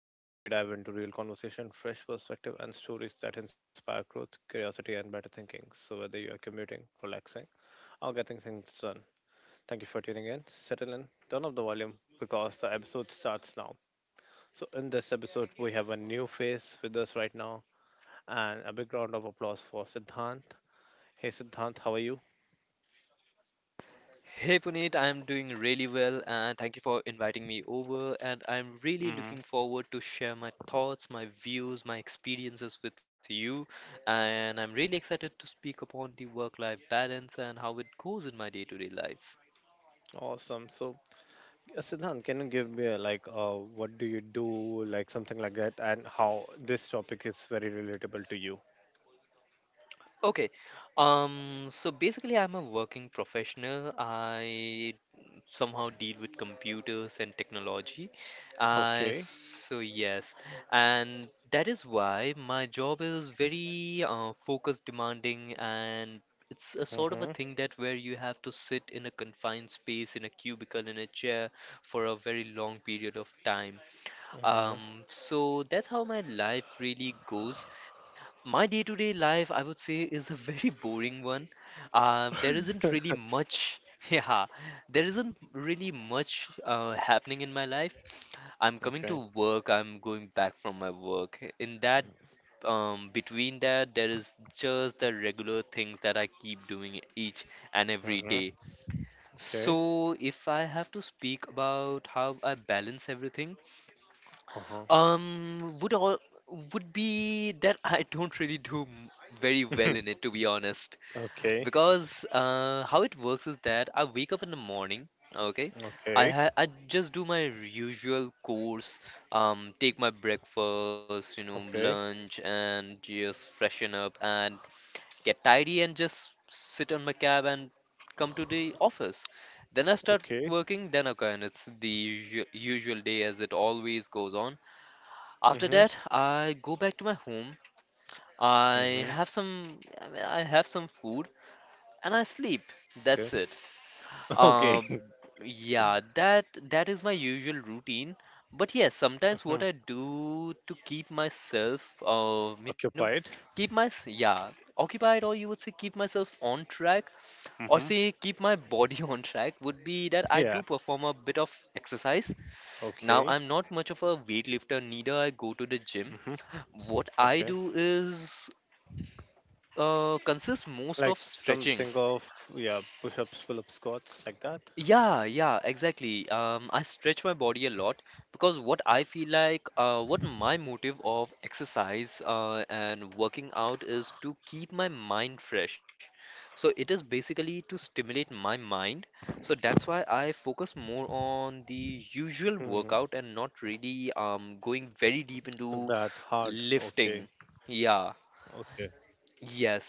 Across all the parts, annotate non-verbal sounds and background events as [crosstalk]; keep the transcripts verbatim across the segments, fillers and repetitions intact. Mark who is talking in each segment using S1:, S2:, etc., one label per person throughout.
S1: every episode, we dive into real conversation, fresh perspective, and stories that inspire growth, curiosity, and better thinking. So whether you're commuting, relaxing, or getting things done, thank you for tuning in. Settle in, turn up the volume because the episode starts now. So in this episode, we have a new face with us right now, and a big round of applause for Siddhant. Hey Siddhant, how are you?
S2: Hey Puneet, I'm doing really well and thank you for inviting me over and I'm really
S1: Mm-hmm.
S2: looking forward to share my thoughts, my views, my experiences with you and I'm really excited to speak upon the work-life balance and how it goes in my day-to-day life.
S1: Awesome. So yeah, Siddhant, can you give me a, like uh, what do you do, like something like that, and how this topic is very relatable to you?
S2: Okay. Um, so basically, I'm a working professional. I somehow deal with computers and technology.
S1: Okay.
S2: Uh, so yes, and that is why my job is very uh, focus demanding and it's a sort of a
S1: Mm-hmm.
S2: thing that where you have to sit in a confined space, in a cubicle, in a chair for a very long period of time.
S1: Mm-hmm.
S2: Um, so that's how my life really goes. My day-to-day life, I would say, is a very [laughs] boring one. Um, there isn't
S1: [laughs]
S2: really much, [laughs] yeah, there isn't really much uh, happening in my life. I'm coming
S1: Okay.
S2: to work, I'm going back from my work. In that, um, between that, there is just the regular things that I keep doing each and every
S1: Mm-hmm.
S2: day.
S1: Okay.
S2: So, if I have to speak about how I balance everything,
S1: Uh-huh.
S2: um, would all would be that I don't really do m- very well
S1: [laughs]
S2: in it, to be honest.
S1: Okay.
S2: Because uh, how it works is that I wake up in the morning, okay? I
S1: Okay.
S2: ha I just do my usual course, um, take my breakfast, you know,
S1: Okay.
S2: lunch, and just freshen up and get tidy and just sit on my cab and come to the office. Then I start
S1: Okay.
S2: working, then okay, and it's the usu- usual day as it always goes on. After that,
S1: Mm-hmm.
S2: I go back to my home. I
S1: Mm-hmm.
S2: have some, I mean, I have some food and I sleep.
S1: Okay.
S2: That's it.
S1: [laughs] Okay.
S2: Um, yeah, that that is my usual routine. But yes, sometimes
S1: Mhm.
S2: what I do to keep myself, uh, you know,
S1: Occupied.
S2: keep my, s- yeah, occupied, or you would say keep myself on track, or
S1: Mm-hmm.
S2: say keep my body [laughs] on track, would be that I do
S1: Yeah.
S2: perform a bit of exercise. Now,
S1: Okay.
S2: I'm not much of a weightlifter, neither I go to the gym.
S1: Mm-hmm.
S2: What
S1: Okay.
S2: I do is uh, consists most of
S1: Like
S2: stretching.
S1: something of yeah, push-ups, pull-ups, squats, like that.
S2: Yeah, yeah, exactly. Um, I stretch my body a lot because what I feel like, uh, what my motive of exercise uh, and working out is to keep my mind fresh. So it is basically to stimulate my mind. So that's why I focus more on the usual workout and not really um, going very deep into
S1: That hard. Okay.
S2: lifting. Yeah.
S1: Okay.
S2: Yes.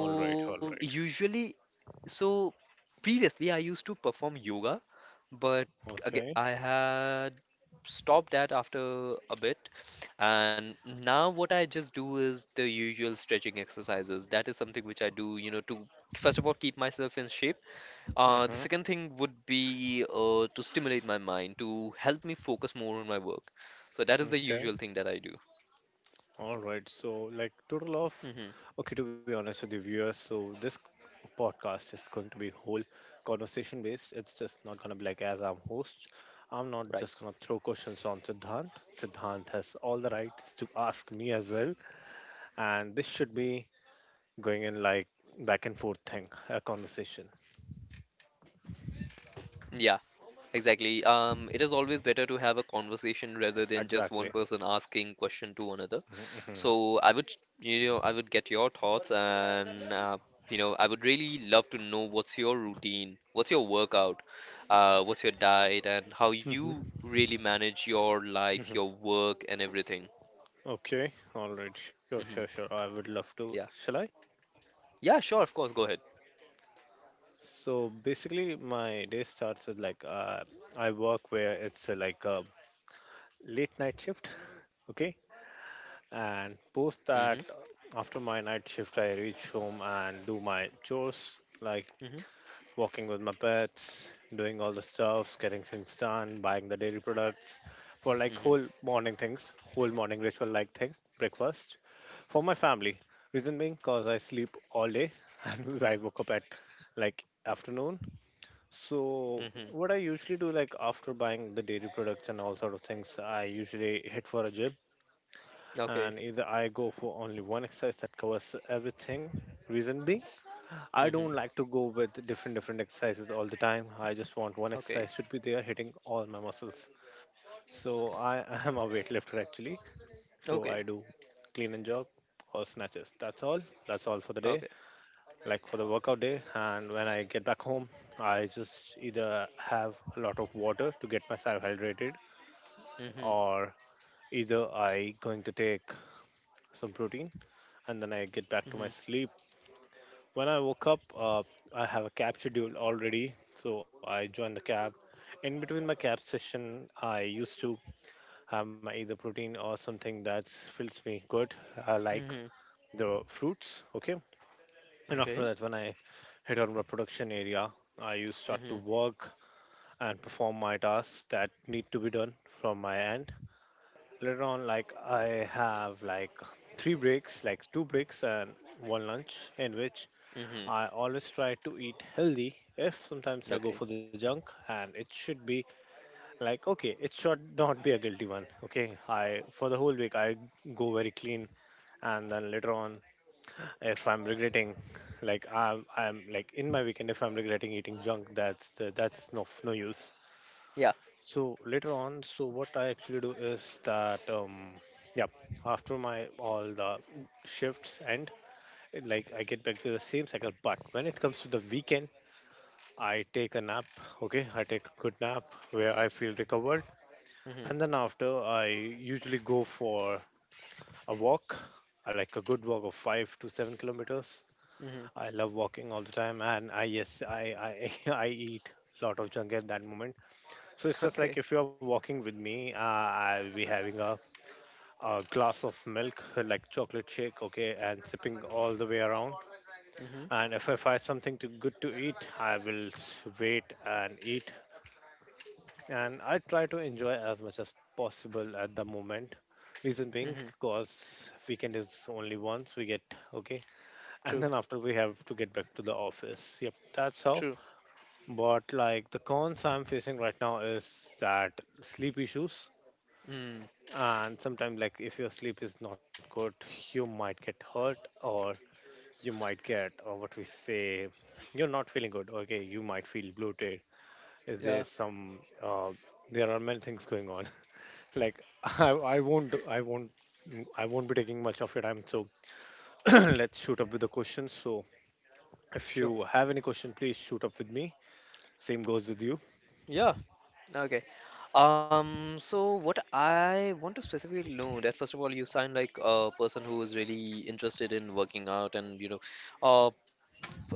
S1: All right. All right.
S2: usually, so previously I used to perform yoga, but again,
S1: Okay.
S2: I had stopped that after a bit. And now what I just do is the usual stretching exercises. That is something which I do, you know, to first of all keep myself in shape.
S1: Uh
S2: Uh, the
S1: huh.
S2: second thing would be uh, to stimulate my mind, to help me focus more on my work. So that is the usual
S1: Okay.
S2: thing that I do.
S1: All right. So, like, total of,
S2: hmm
S1: okay, to be honest with the viewers, so this podcast is going to be whole conversation based. It's just not going to be like, as I'm host, I'm not
S2: Right.
S1: just going to throw questions on Siddhant. Siddhant has all the rights to ask me as well. And this should be going in like back and forth thing, a conversation.
S2: Yeah. Exactly. Um, it is always better to have a conversation rather than just one
S1: Exactly.
S2: person asking question to another.
S1: Mm-hmm.
S2: So I would, you know, I would get your thoughts, and uh, you know, I would really love to know what's your routine, what's your workout, uh, what's your diet, and how you
S1: Mm-hmm.
S2: really manage your life, your work, and everything.
S1: Okay, all right, sure,
S2: hmm
S1: sure, sure. I would love to.
S2: Yeah.
S1: Shall I?
S2: Yeah. Sure. Of course. Go ahead.
S1: So basically, my day starts with like uh, I work where it's uh, like a late night shift, [laughs] okay, and post
S2: hmm
S1: that uh, after my night shift, I reach home and do my chores like
S2: hmm
S1: walking with my pets, doing all the stuffs, getting things done, buying the dairy products for like
S2: hmm
S1: whole morning things, whole morning ritual like thing, breakfast. For my family, reason being because I sleep all day [laughs] and I woke up at like afternoon. So
S2: hmm
S1: what I usually do like after buying the dairy products and all sort of things, I usually hit for a gym,
S2: Okay.
S1: and either I go for only one exercise that covers everything. Reason being
S2: hmm
S1: I don't like to go with different different exercises all the time. I just want
S2: Okay.
S1: one exercise should be there hitting all my muscles. So I [laughs] am a weightlifter actually.
S2: Okay.
S1: So I do clean and jerk or snatches. That's all. That's all for the
S2: Okay.
S1: day. Like for the workout day. And when I get back home, I just either have a lot of water to get myself hydrated,
S2: hmm
S1: or either I going to take some protein and then I get
S2: hmm
S1: back to my sleep. When I woke up, uh, I have a cab schedule already, so I joined the cab. In between my cab session, I used to have my either protein or something that fills me good, uh, like
S2: hmm
S1: the fruits. Okay, and after
S2: Okay.
S1: that, when I hit on my production area, I used to start to
S2: Mhm.
S1: work and perform my tasks that need to be done from my end. Later on, like I have like three breaks, like two breaks and one lunch, in which
S2: Mhm.
S1: I always try to eat healthy. If sometimes I go
S2: Okay.
S1: for the junk, and it should be like okay, it should not be a guilty one. Okay, I for the whole week I go very clean, and then later on if I'm regretting, like I'm I'm like in my weekend if I'm regretting eating junk, that's the, that's no no use.
S2: Yeah.
S1: So later on, so what I actually do is that um yeah, after my all the shifts end it, like I get back to the same cycle. But when it comes to the weekend, I take a nap, okay? I take a good nap where I feel recovered.
S2: Mhm.
S1: And then after, I usually go for a walk. I like a good walk of five to seven kilometers.
S2: Mhm.
S1: I love walking all the time. And I, yes, I, I, [laughs] I eat a lot of junk at that moment. So it's
S2: [laughs]
S1: just
S2: Okay.
S1: like if you're walking with me, uh, I'll be having a, a glass of milk, uh, like chocolate shake, okay, and sipping all the way around.
S2: Mhm.
S1: And if I find something to, good to eat, I will s- wait and eat, and I try to enjoy as much as possible at the moment. Reason being,
S2: Mhm.
S1: because weekend is only once we get, okay, and
S2: True.
S1: then after we have to get back to the office. Yep, that's how.
S2: True.
S1: But like the cons I'm facing right now is that sleep issues,
S2: Mm.
S1: and sometimes like if your sleep is not good, you might get hurt, or you might get, or what we say, you're not feeling good, okay, you might feel bloated, is there
S2: Yeah.
S1: some uh, there are many things going on. Like [laughs] I, I won't I won't I won't be taking much of your time. So [clears throat] let's shoot up with the questions. So if
S2: Sure.
S1: you have any question, please shoot up with me. Same goes with you.
S2: Yeah. Okay. Um. So what I want to specifically know that first of all, you sound like a person who is really interested in working out and you know, uh,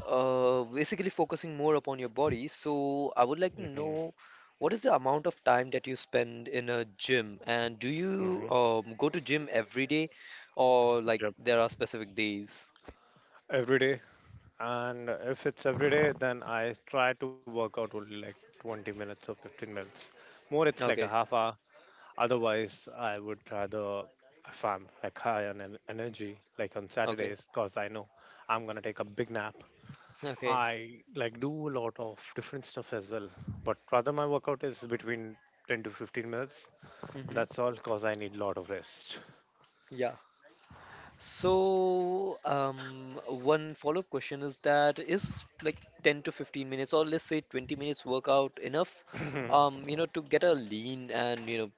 S2: uh, basically focusing more upon your body. So I would like to
S1: hmm
S2: know what is the amount of time that you spend in a gym, and do
S1: hmm
S2: you um, go to gym every day, or like
S1: Yep.
S2: there are specific days?
S1: Every day, and if it's every day, then I try to work out only like twenty minutes or fifteen minutes. More, it's like a
S2: Okay,
S1: half hour. Otherwise, I would rather, if I'm like high on en- energy, like on
S2: okay,
S1: Saturdays, cause I know I'm gonna take a big nap,
S2: okay.
S1: I like do a lot of different stuff as well, but rather my workout is between ten to fifteen minutes.
S2: hmm
S1: That's all because I need a lot of rest.
S2: Yeah. So, um, one follow-up question is that is like ten to fifteen minutes, or let's say twenty minutes workout enough,
S1: [clears throat]
S2: um, you know, to get a lean and you know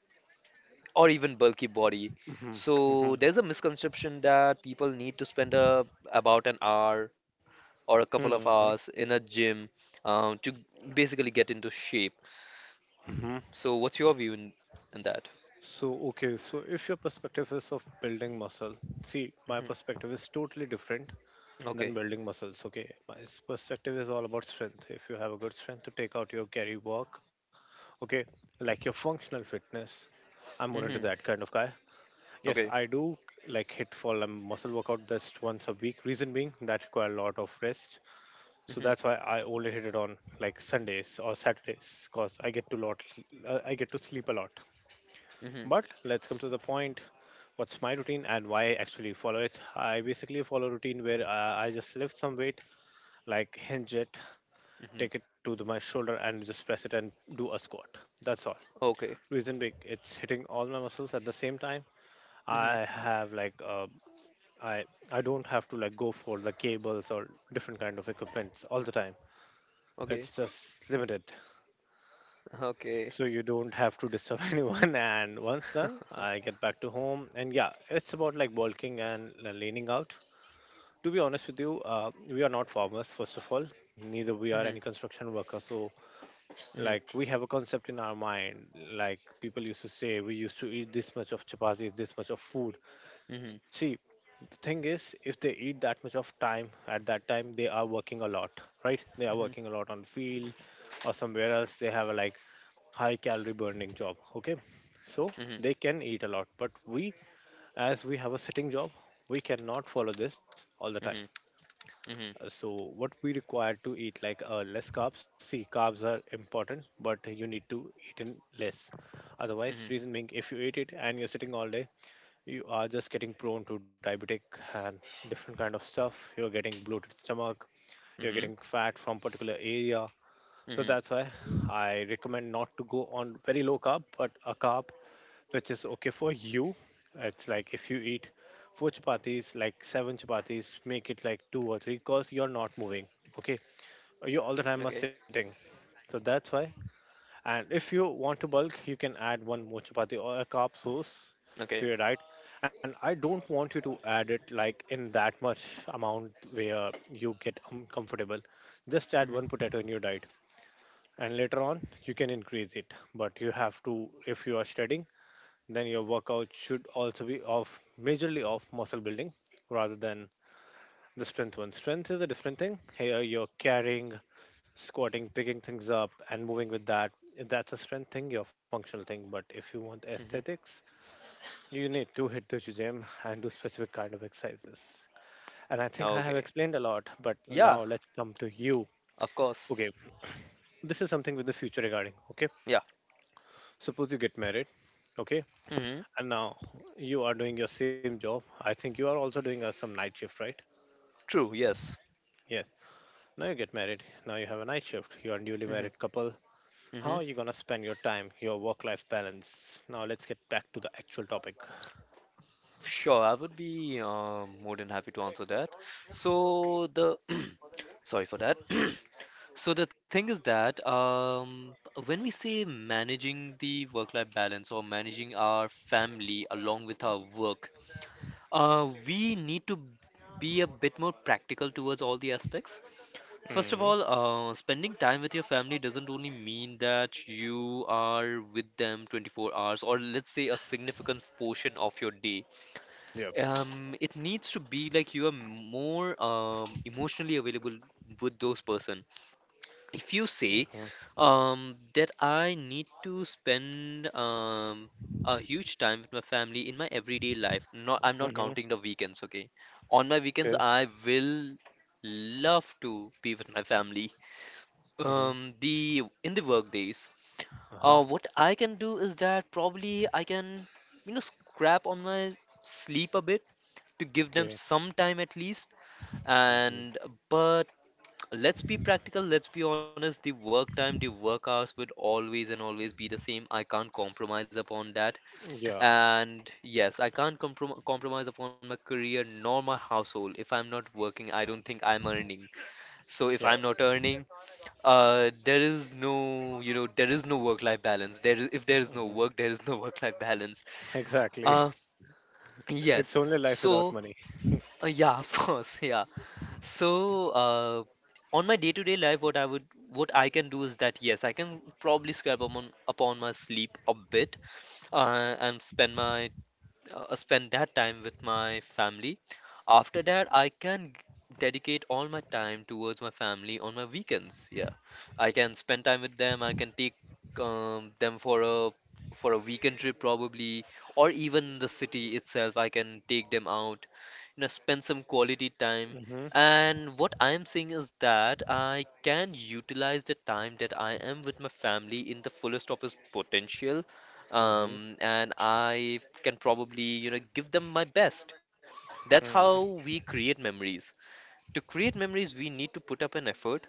S2: or even bulky body.
S1: Mhm,
S2: So
S1: mhm,
S2: there's a misconception that people need to spend a, about an hour or a couple
S1: mhm,
S2: of
S1: mhm,
S2: hours in a gym um, to basically get into shape.
S1: mhm.
S2: So what's your view in, in that?
S1: So, okay, so if your perspective is of building muscle, see, my
S2: hmm
S1: perspective is totally different than
S2: Okay.
S1: building muscles. Okay, my s- perspective is all about strength. If you have a good strength to take out your carry work, okay, like your functional fitness, I'm more into
S2: hmm
S1: that kind of guy. Yes,
S2: Okay.
S1: I do like hit for a muscle workout just once a week. Reason being that require a lot of rest, so that's
S2: hmm
S1: why I only hit it on like Sundays or Saturdays, cause I get to lot, uh, I get to sleep a lot.
S2: hmm
S1: But let's come to the point. What's my routine and why I actually follow it? I basically follow a routine where uh, I just lift some weight, like hinge it, take it
S2: hmm
S1: to the, my shoulder, and just press it and do a squat. That's all.
S2: Okay.
S1: Reason being, it's hitting all my muscles at the same time. I
S2: hmm
S1: have like a I I don't have to like go for the cables or different kind of equipments all the time. It's
S2: Okay.
S1: just limited, so
S2: Okay.
S1: you don't have to disturb [laughs] anyone. And once done, I get
S2: [laughs]
S1: back to home, and yeah, it's about like bulking and l- leaning out. To be honest with you, uh, we are not farmers first of all. Neither we are any
S2: hmm
S1: construction worker. So like
S2: hmm
S1: we have a concept in our mind. Like people used to say, we used to eat this much of chapatis, this much of food.
S2: hmm
S1: See, the thing is, if they eat that much of time at that time, they are working a lot, right? They are
S2: hmm
S1: working a lot on field or somewhere else. They have a like high calorie burning job. Okay, so
S2: hmm
S1: they can eat a lot, but we, as we have a sitting job, we cannot follow this all the time.
S2: hmm
S1: Uh,
S2: hmm
S1: So what we require to eat like uh, less carbs. See, carbs are important, but you need to eat in less. Otherwise,
S2: hmm
S1: reason being, if you eat it and you're sitting all day, you are just getting prone to diabetic and different kind of stuff, you're getting bloated stomach, you're getting
S2: hmm
S1: fat from particular area. So
S2: hmm
S1: that's why I recommend not to go on very low carb, but a carb which is okay for you. It's like if you eat four chapatis, like seven chapatis, make it like two or three because you're not moving, okay, you all the time are
S2: Okay.
S1: sitting, so that's why. And if you want to bulk, you can add one more chapati or a carb sauce to your
S2: Okay.
S1: diet. And I don't want you to add it like in that much amount where you get uncomfortable. Just add
S2: hmm
S1: one potato in your diet. And later on, you can increase it. But you have to, if you are studying, then your workout should also be of majorly of muscle building rather than the strength one. Strength is a different thing. Here you're carrying, squatting, picking things up, and moving with that. That's a strength thing, your functional thing. But if you want
S2: hmm
S1: aesthetics, you need to hit the gym and do specific kind of exercises. And I think I have
S2: Okay.
S1: explained a lot, but
S2: Yeah,
S1: now let's come to you.
S2: of course.
S1: Okay, this is something with the future regarding. Okay,
S2: Yeah.
S1: suppose you get married. Okay,
S2: hmm
S1: and now you are doing your same job. I think you are also doing uh, some night shift, right?
S2: True. Yes.
S1: Yes. Now you get married. Now you have a night shift. You are a newly
S2: hmm
S1: married couple. How are
S2: hmm
S1: you gonna spend your time, your work life balance? Now let's get back to the actual topic.
S2: Sure. I would be um, more than happy to answer that. So the [clears throat] sorry for that. [clears throat] So the thing is that um, when we say managing the work-life balance or managing our family along with our work, uh, we need to be a bit more practical towards all the aspects. First of
S1: Mm,
S2: all, uh, spending time with your family doesn't only mean that you are with them twenty-four hours or let's say a significant portion of your day.
S1: yep.
S2: Um, it needs to be like you are more um, emotionally available with those person. If you say
S1: Mhm.
S2: um, that I need to spend um, a huge time with my family in my everyday life, not I'm not
S1: Mhm.
S2: counting the weekends, okay? On my weekends,
S1: Okay.
S2: I will love to be with my family.
S1: Mhm.
S2: Um, the In the work days, uh,
S1: Uh-huh.
S2: what I can do is that probably I can, you know, scrap on my sleep a bit to give them
S1: Okay.
S2: some time at least.
S1: Mhm.
S2: And but let's be practical, let's be honest, the work time, the work hours would always and always be the same. I can't compromise upon that.
S1: Yeah.
S2: And yes, I can't comprom compromise upon my career nor my household. If I'm not working, I don't think I'm earning. So if
S1: Yep.
S2: I'm not earning, uh, there is no, you know, there is no work-life balance. There is, if there is no
S1: Mhm.
S2: work, there is no [laughs] work-life balance.
S1: [laughs] Exactly.
S2: Uh,
S1: It's
S2: yes.
S1: only life without
S2: So,
S1: money.
S2: uh, yeah, [laughs] of course, yeah. So, uh, on my day-to-day life, what I would, what I can do is that yes, I can probably scrape upon upon my sleep a bit, uh, and spend my uh, spend that time with my family. After that, I can g- dedicate all my time towards my family on my weekends. Yeah, I can spend time with them. I can take um, them for a for a weekend trip probably, or even the city itself. I can take them out, you know, spend some quality time.
S1: Mhm.
S2: And what I am saying is that I can utilize the time that I am with my family in the fullest of its potential
S1: Mhm.
S2: um, and I can probably, you know, give them my best. That's
S1: Mhm.
S2: how we create memories. To create memories, we need to put up an effort,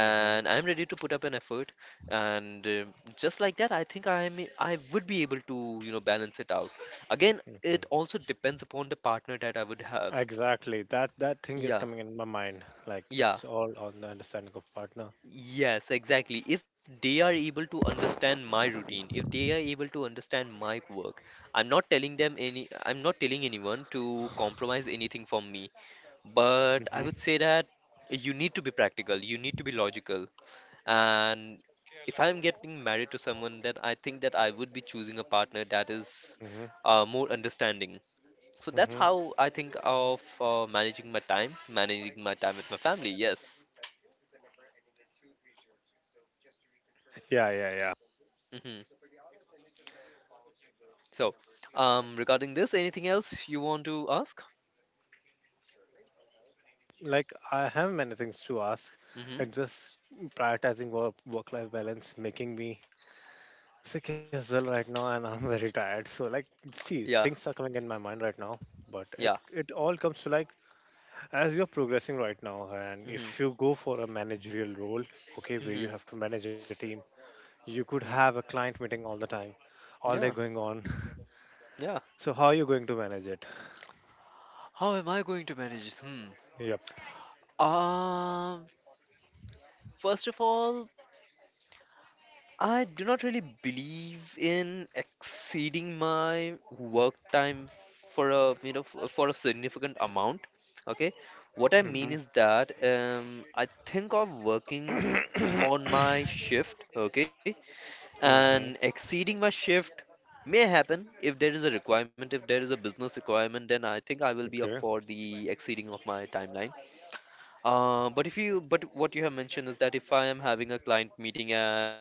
S1: Mhm.
S2: I'm ready to put up an effort. And um just like that, I think I'm I would be able to, you know, balance it out. Again,
S1: Mhm.
S2: it also depends upon the partner that I would have.
S1: Exactly. That that thing is
S2: Yeah,
S1: coming in my mind. Like
S2: yeah.
S1: it's all on the understanding of partner.
S2: Yes, exactly. If they are able to understand my routine, if they are able to understand my work, I'm not telling them any, I'm not telling anyone to compromise anything from me. But I
S1: Mhm.
S2: would say that you need to be practical, you need to be logical. And if I'm getting married to someone, then I think that I would be choosing a partner that is
S1: Mhm.
S2: uh, more understanding. So that's
S1: Mhm.
S2: how I think of uh, managing my time, managing my time with my family. Yes.
S1: Yeah, yeah, yeah.
S2: Mm-hmm. So, um, regarding this, anything else you want to ask?
S1: Like I have many things to ask,
S2: Mm-hmm.
S1: and just prioritizing work work life balance making me sick as well right now, and I'm [laughs] very tired, so like, see,
S2: Yeah,
S1: things are coming in my mind right now, but
S2: yeah.
S1: it it all comes to like, as you're progressing right now, and if
S2: Mm-hmm.
S1: you go for a managerial role, okay,
S2: Mm-hmm.
S1: where you have to manage a team, you could
S2: hmm
S1: have a client meeting all the time, all
S2: Yeah,
S1: day going on.
S2: yeah.
S1: [laughs] So how are you going to manage it?
S2: How am I going to manage this? Hmm.
S1: Yep.
S2: Um, First of all, I do not really believe in exceeding my work time for a, you know, f- for a significant amount. Okay. What I mean
S1: Mm-hmm.
S2: is that, um, I think of working
S1: [coughs]
S2: on my shift, okay,
S1: Mm-hmm.
S2: and exceeding my shift may happen if there is a requirement, if there is a business requirement, then I think I will
S1: Okay.
S2: be up for the exceeding of my timeline. Uh, but if you But what you have mentioned is that if I am having a client meeting at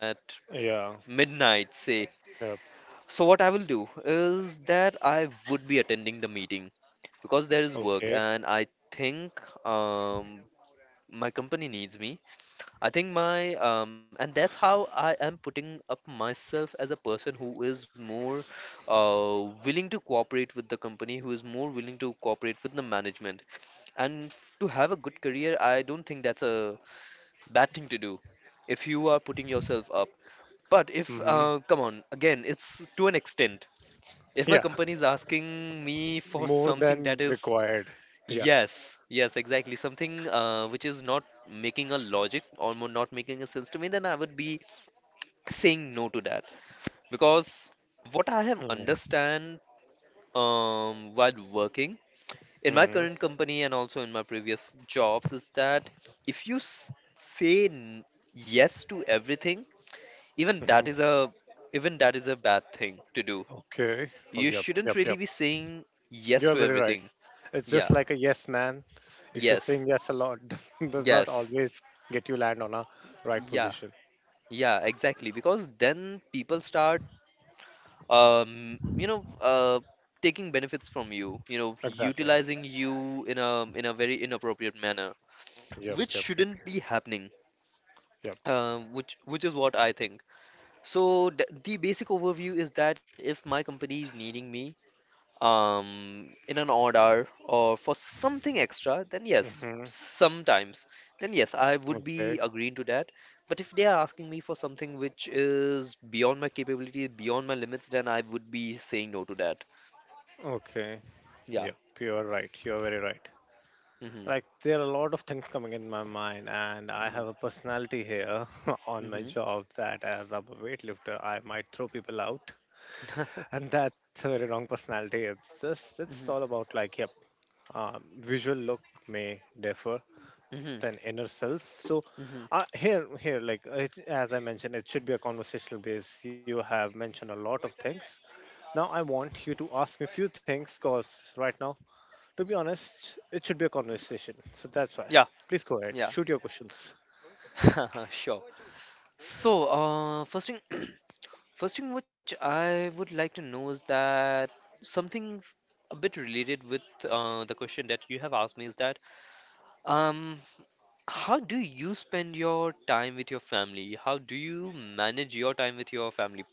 S1: Yeah.
S2: midnight, say,
S1: Yep.
S2: so what I will do is that I would be attending the meeting because there is work
S1: Okay.
S2: and I think um, my company needs me. I think my um, And that's how I am putting up myself as a person who is more uh, willing to cooperate with the company, who is more willing to cooperate with the management. And to have a good career, I don't think that's a bad thing to do if you are putting yourself up. But if,
S1: Mm-hmm.
S2: uh, come on, again, it's to an extent. If my
S1: Yeah,
S2: company is asking me for
S1: more
S2: something that
S1: than
S2: is.
S1: required. Yeah.
S2: Yes, yes, exactly. Something uh, which is not making a logic or mo- not making a sense to me, then I would be saying no to that. Because what I have
S1: Mm-hmm.
S2: understand um, while working in my
S1: Mm-hmm.
S2: current company and also in my previous jobs is that if you s say n yes to everything, even that
S1: Hmm.
S2: is a even that is a bad thing to do.
S1: Okay. Oh,
S2: You
S1: yep,
S2: shouldn't
S1: yep,
S2: really
S1: yep.
S2: be saying yes
S1: You're
S2: to
S1: very right.
S2: everything.
S1: It's just
S2: Yeah,
S1: like a yes man. If you're
S2: yes,
S1: saying yes a lot, [laughs] does does not
S2: yes,
S1: always get you land on a right
S2: yeah.
S1: position.
S2: Yeah, exactly. Because then people start, um, you know, uh, taking benefits from you, you know,
S1: Exactly.
S2: utilizing you in a in a very inappropriate manner,
S1: Yep,
S2: which
S1: yep, yep,
S2: shouldn't be happening.
S1: yep.
S2: Uh, which which is what I think. So th the basic overview is that if my company is needing me, um, in an odd hour or for something extra, then yes,
S1: Mm-hmm.
S2: sometimes, then yes, I would be
S1: Okay.
S2: agreeing to that. But if they are asking me for something which is beyond my capabilities, beyond my limits, then I would be saying no to that.
S1: Okay. Yep.
S2: Yeah.
S1: You're right. You're very right.
S2: Mm-hmm.
S1: Like there are a lot of things coming in my mind, and I
S2: Mm-hmm.
S1: have a personality here [laughs] on my job that, as I'm a weightlifter, I might throw people out.
S2: Mm-hmm.
S1: And that's a very wrong personality. It's just it's all
S2: Mm-hmm.
S1: about like, yep, um, visual look may differ
S2: Mm-hmm.
S1: than inner self. So uh, here here like it, as I mentioned, it should be a conversational base. You have mentioned a lot of things. Now I want you to ask me few things because right now, to be honest, it should be a conversation. So that's
S2: [laughs]
S1: why
S2: Yeah.
S1: please go ahead,
S2: Yeah.
S1: shoot your questions.
S2: [laughs] Sure. So, uh, first thing. [clears throat] First thing which I would like to know is that something a bit related with uh, the question that you have asked me is that um, how do you spend your time with your family? How do you manage your time with your family?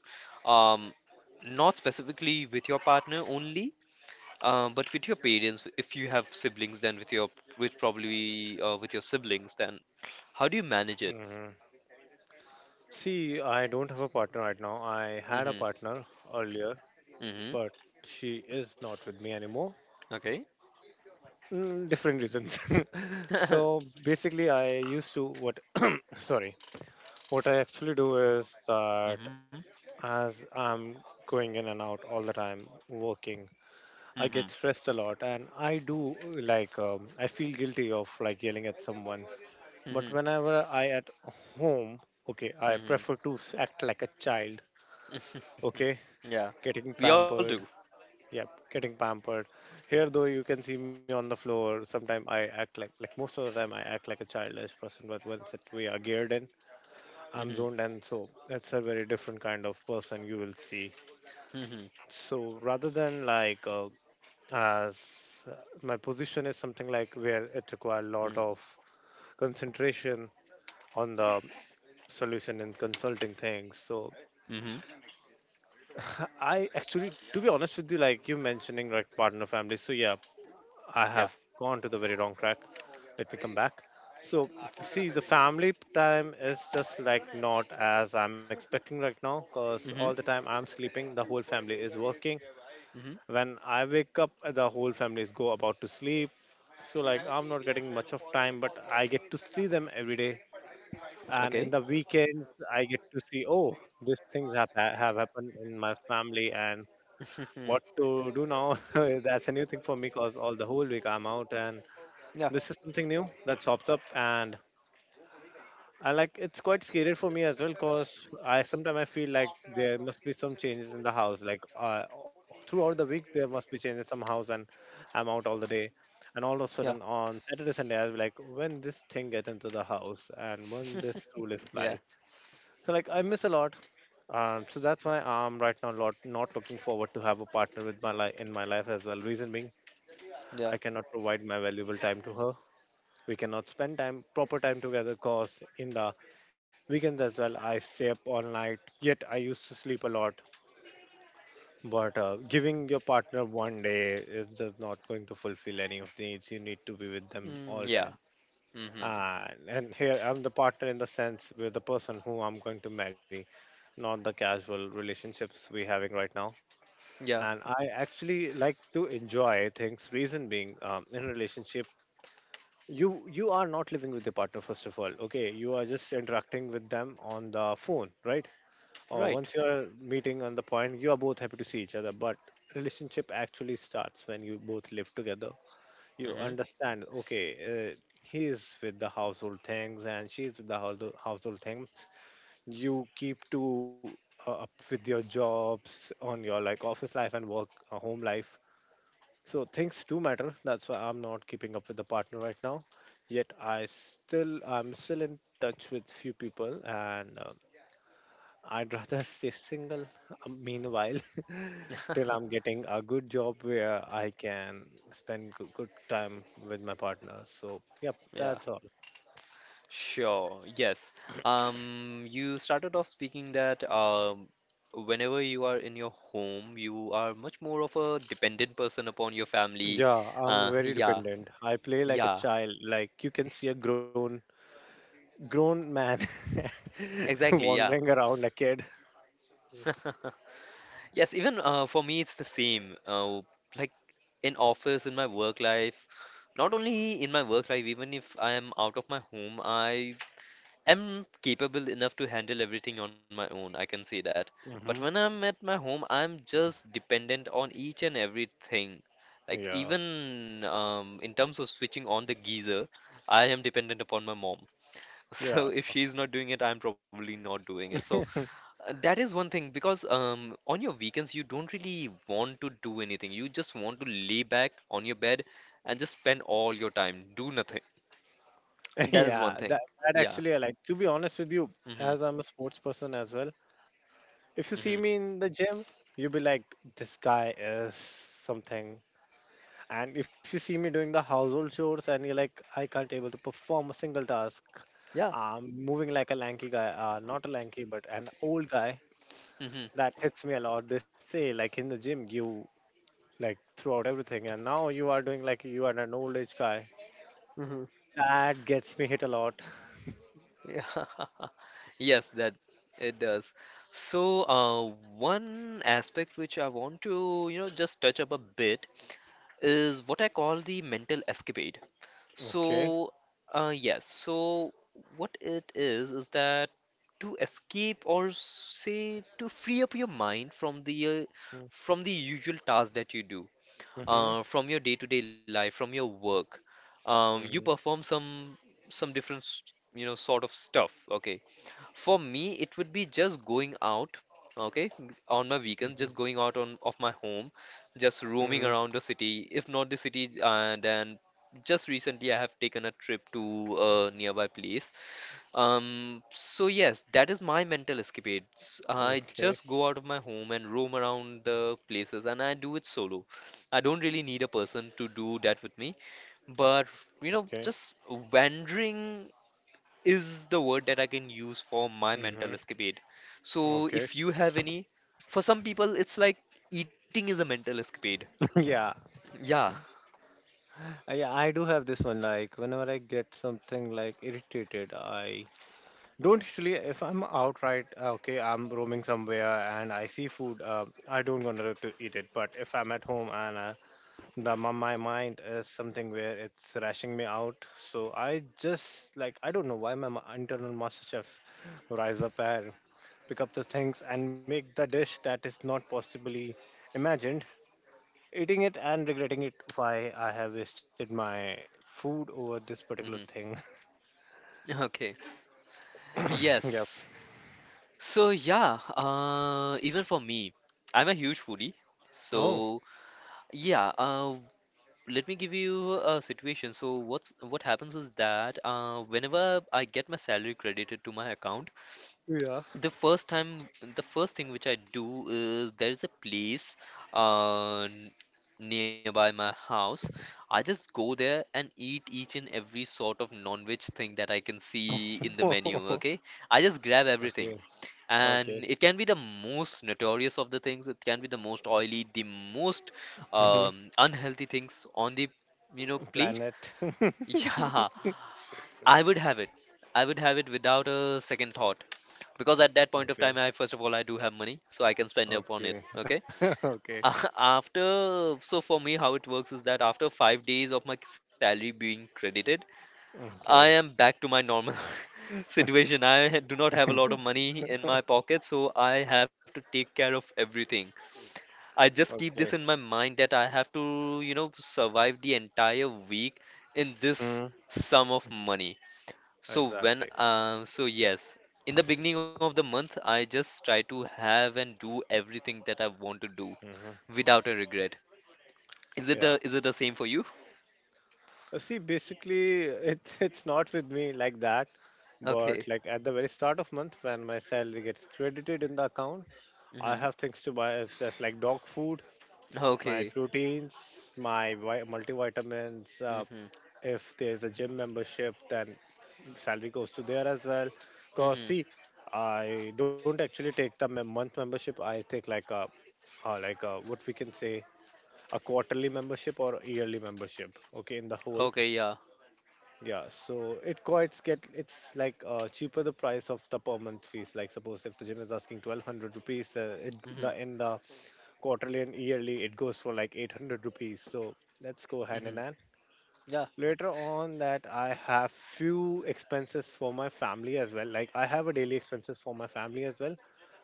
S2: Um, Not specifically with your partner only, uh, but with your parents. If you have siblings, then with your with probably uh, with your siblings, then how do you manage it?
S1: Hmm. See, I don't have a partner right now. I had a
S2: Mm-hmm.
S1: partner earlier,
S2: Mm-hmm.
S1: but she is not with me anymore.
S2: Okay.
S1: Mm, different reasons. [laughs] So
S2: [laughs]
S1: basically, I used to what? [clears throat] Sorry, what I actually do is that,
S2: Mm-hmm.
S1: as I'm going in and out all the time working, I
S2: Mm-hmm.
S1: get stressed a lot, and I do like, um, I feel guilty of like yelling at someone. But
S2: Mm-hmm.
S1: whenever I at home, okay, I
S2: Mm-hmm.
S1: prefer to act like a child.
S2: [laughs]
S1: Okay,
S2: Yeah,
S1: getting
S2: we all do.
S1: pampered. Yep, getting pampered. Here, though, you can see me on the floor. Sometimes I act like, like most of the time, I act like a childish person. But once it we are geared in, I'm
S2: Mhm.
S1: zoned in. So that's a very different kind of person you will see.
S2: Mhm.
S1: So rather than like uh, as uh, my position is something like where it require a lot
S2: Mhm.
S1: of concentration on the solution and consulting things. So
S2: Mhm.
S1: [laughs] I actually, to be honest with you, like you mentioning like partner family. So yeah, I
S2: Yeah.
S1: have gone to the very wrong track. Let me come back. So, see, the family time is just like not as I'm expecting right now because all the
S2: Mhm.
S1: time I'm sleeping, the whole family is working.
S2: Mhm.
S1: When I wake up, the whole family is go about to sleep. So, like, I'm not getting much of time, but I get to see them every day. And in
S2: Okay.
S1: the weekends, I get to see, oh, these things have, ha- have happened in my family, and what
S2: [laughs]
S1: to do now. [laughs] That's a new thing for me because all the whole week I'm out, and
S2: Yeah.
S1: this is something new that pops up, and I like it's quite scary for me as well because I sometimes I feel like there must be some changes in the house. Like uh, throughout the week there must be changes some house, and I'm out all the day. And all of a
S2: Yeah.
S1: sudden on Saturday Sunday I'll be like, when this thing get into the house and when this rule is
S2: [laughs] Yeah.
S1: applied. So like I miss a lot. Um, so that's why I'm right now lot not looking forward to have a partner with my life in my life as well. Reason being
S2: Yeah.
S1: I cannot provide my valuable time to her, we cannot spend time proper time together cause in the weekends as well I stay up all night. Yet I used to sleep a lot. But uh, giving your partner one day is just not going to fulfill any of the needs. You need to be with them
S2: Mm,
S1: all
S2: yeah.
S1: time.
S2: Mhm.
S1: And, and here I'm the partner in the sense with the person who I'm going to marry, not the casual relationships we're having right now.
S2: Yeah.
S1: And I actually like to enjoy things. Reason being, um, in a relationship, you you are not living with your partner first of all, okay? You are just interacting with them on the phone, right? Or
S2: Right.
S1: once you are meeting on the point, you are both happy to see each other, but relationship actually starts when you both live together, you
S2: Mhm.
S1: understand? Okay, uh, he is with the household things, and she is with the household household things. You keep to uh, up with your jobs on your like office life and work uh, home life. So things do matter. That's why I'm not keeping up with the partner right now. Yet I still I'm still in touch with few people, and um, I'd [laughs] rather stay single. um, Meanwhile, [laughs] till
S2: [laughs]
S1: I'm getting a good job where I can spend good, good time with my partner. So yep,
S2: Yeah.
S1: that's all.
S2: Sure. Yes. Um, you started off speaking that um, whenever you are in your home, you are much more of a dependent person upon your family.
S1: Yeah, I'm
S2: Uh, [laughs]
S1: very
S2: yeah.
S1: dependent. I play like a
S2: Yeah.
S1: child. Like you can see a grown grown man [laughs]
S2: Exactly. Yeah.
S1: wandering around a kid.
S2: [laughs] Yes, even uh, for me, it's the same. Uh, like in office, in my work life, not only in my work life, even if I am out of my home, I am capable enough to handle everything on my own. I can say that. But
S1: Hmm.
S2: when I'm at my home, I'm just dependent on each and everything. Like
S1: Yeah,
S2: even um, in terms of switching on the geyser, I am dependent upon my mom. [laughs]
S1: yeah.
S2: So if she's not doing it, I'm probably not doing it. So
S1: [laughs]
S2: uh, That is one thing because um, on your weekends you don't really want to do anything. You just want to lay back on your bed and just spend all your time, do nothing.
S1: [laughs]
S2: That is
S1: Yeah,
S2: one
S1: that
S2: thing.
S1: that
S2: Yeah.
S1: actually I like. To be honest with you,
S2: Hmm.
S1: as I'm a sports person as well, if you see
S2: Hmm.
S1: me in the gym, you'll be like, this guy is something. And if you see me doing the household chores, and you're like, I can't able to perform a single task.
S2: Yeah.
S1: I'm moving like a lanky guy, uh, not a lanky, but an old guy.
S2: Hmm.
S1: That hits me a lot. They say like in the gym, you like throw out everything, and now you are doing like you are an old age guy.
S2: Hmm.
S1: That gets me hit a lot.
S2: Yeah. [laughs] Yes, that it does. So, uh, one aspect which I want to, you know, just touch up a bit is what I call the mental escapade.
S1: Okay.
S2: So, uh, yes. So, what it is is that to escape or say to free up your mind from the uh,
S1: Mm-hmm.
S2: from the usual task that you do,
S1: Mm-hmm.
S2: uh, from your day-to-day life, from your work, um, you perform some some different, s- you know, sort of stuff. Okay. For me, it would be just going out, okay, on my weekends,
S1: Mm-hmm.
S2: just going out on of my home, just roaming around the city. If not the city, uh, then just recently I have taken a trip to a nearby place. Um, so yes, that is my mental escapades. I
S1: Okay.
S2: just go out of my home and roam around the places, and I do it solo. I don't really need a person to do that with me, but you know,
S1: Okay.
S2: just wandering is the word that I can use for my
S1: Mm-hmm.
S2: mental escapade. So
S1: Okay.
S2: if you have any, for some people, it's like eating is a mental escapade.
S1: [laughs] Yeah.
S2: Yeah.
S1: Uh, yeah, I do have this one. Like, whenever I get something like irritated, I don't usually, if I'm outright, uh, okay, I'm roaming somewhere and I see food, uh, I don't gonna to eat it. But if I'm at home, and uh, the my, my mind is something where it's rashing me out, so I just like I don't know why my ma- internal master chefs rise up and pick up the things and make the dish that is not possibly imagined, eating it and regretting it why I have wasted my food over this particular
S2: Hmm.
S1: thing.
S2: [laughs] Okay.
S1: [coughs] Yeah.
S2: Yes. So yeah, uh, even for me, I'm a huge foodie.
S1: Oh.
S2: So yeah, uh, let me give you a situation. So what's what happens is that uh, whenever I get my salary credited to my account.
S1: Yeah.
S2: The first time, the first thing which I do is there is a place uh, n- nearby my house. I just go there and eat each and every sort of non-veg thing that I can
S1: [laughs]
S2: see in the
S1: Okay.
S2: menu, okay? I just grab everything.
S1: Okay.
S2: And it can be the most notorious of the things, it can be the most oily, the most
S1: Mhm.
S2: um, unhealthy things on the, you know, plate. [laughs]
S1: Planet. [laughs] Okay.
S2: Yeah, I would have it. I would have it without a second thought because at that point of time, i first of all i do have money, so I can spend upon it,
S1: Okay.
S2: okay.
S1: [laughs] Okay.
S2: [laughs] After, so for me how it works is that after five days of my salary being credited, I
S1: Okay.
S2: am back to my normal [laughs] situation. i ha- do not have a lot of money in my pocket, so I have to take care of everything. I just keep this in
S1: Okay.
S2: my mind that I have to, you know, survive the entire week in this
S1: Mm.
S2: sum of money. So when
S1: Exactly.
S2: um so yes, in the beginning of the month, I just try to have and do everything that I want to do
S1: Hmm.
S2: without a regret. Is it
S1: Yeah.
S2: the is it the same for you?
S1: Uh, See, basically, it's [laughs] it's not with me like that. But
S2: Okay.
S1: like at the very start of month when my salary gets credited in the account, I
S2: Mhm.
S1: have things to buy as, as like dog food, my
S2: Okay.
S1: proteins, my vi- multivitamins. Uh,
S2: Mhm.
S1: if there's a gym membership, then salary goes to there as well. Cause
S2: Mhm.
S1: see, I don't actually take the mem- month membership. I take like a, uh, like a, what we can say, a quarterly membership or a yearly membership. Okay, in the whole.
S2: Okay, yeah.
S1: Yeah, so it quite get it's like uh, cheaper the price of the per month fees. Like suppose if the gym is asking twelve hundred rupees, uh, it
S2: Mhm.
S1: the in the quarterly and yearly it goes for like eight hundred rupees, so let's go hand in
S2: Mhm.
S1: hand.
S2: Yeah.
S1: Later on that, I have few expenses for my family as well. Like I have a daily expenses for my family as well,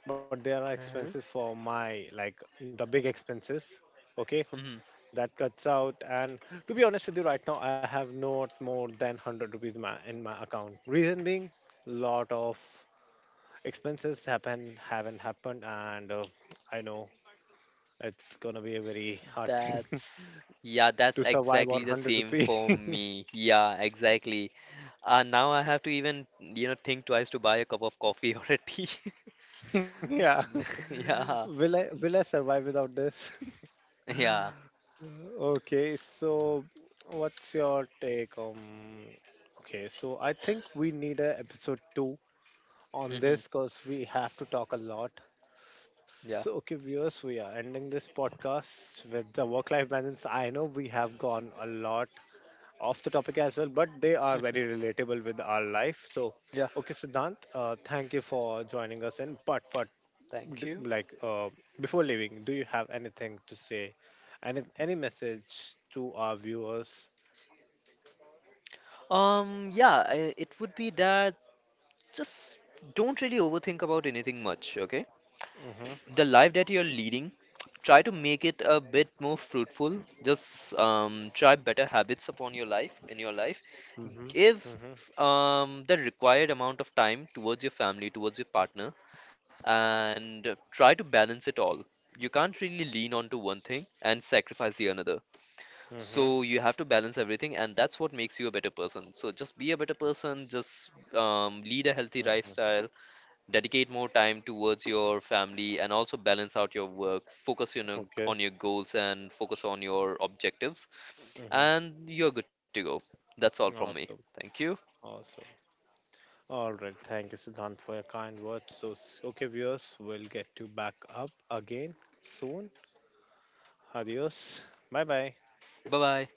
S1: but there are
S2: Mhm.
S1: expenses for my like the big expenses, okay,
S2: Mhm.
S1: that cuts out. And to be honest with you, right now I have not more than hundred rupees ma in my account. Reason being lot of expenses happen haven't happened, and uh, I know it's gonna be a very hard thing [laughs]
S2: That's yeah, that's
S1: to survive on
S2: exactly the
S1: one hundred
S2: same
S1: rupees.
S2: for me. Yeah, exactly. Uh, now I have to even, you know, think twice to buy a cup of coffee [laughs] or a tea.
S1: [laughs] Yeah.
S2: [laughs]
S1: [laughs]
S2: Yeah.
S1: Will I will I survive without this?
S2: Mm-hmm. Yeah.
S1: [laughs] Okay, so what's your take on. Okay, so I think we need a episode two on this
S2: Mhm.
S1: because we have to talk a lot. So, okay, viewers, we are ending this podcast with the work life balance. I know we have gone a lot off the topic as well, but they are very relatable with our life. So,
S2: Yeah,
S1: okay, Siddhant, uh, thank you for joining us in part part
S2: thank
S1: d-
S2: you.
S1: like uh, before leaving, do you have anything to say? Any any message to our viewers?
S2: Um, yeah, I- it would be that just don't really overthink about anything much, okay?
S1: Mm-hmm,
S2: The life that you're leading, try to make it a bit more fruitful. Just um, try better habits upon your life, in your life.
S1: mm-hmm,
S2: Give
S1: mm-hmm,
S2: um, the required amount of time towards your family, towards your partner, and try to balance it all. You can't really lean on to one thing and sacrifice the another.
S1: mm-hmm,
S2: So you have to balance everything, and that's what makes you a better person. So just be a better person, just um, lead a healthy
S1: mm-hmm.
S2: lifestyle, dedicate more time towards your family, and also balance out your work. Focus on your,
S1: Okay.
S2: on your goals and focus on your objectives,
S1: Mm-hmm.
S2: and you're good to go. That's all from me.
S1: Awesome.
S2: Thank you.
S1: Awesome. All right, thank you, Siddhant, for your kind words. So s- okay, viewers, we'll get you back up again soon. Adios. Bye bye.
S2: Bye bye.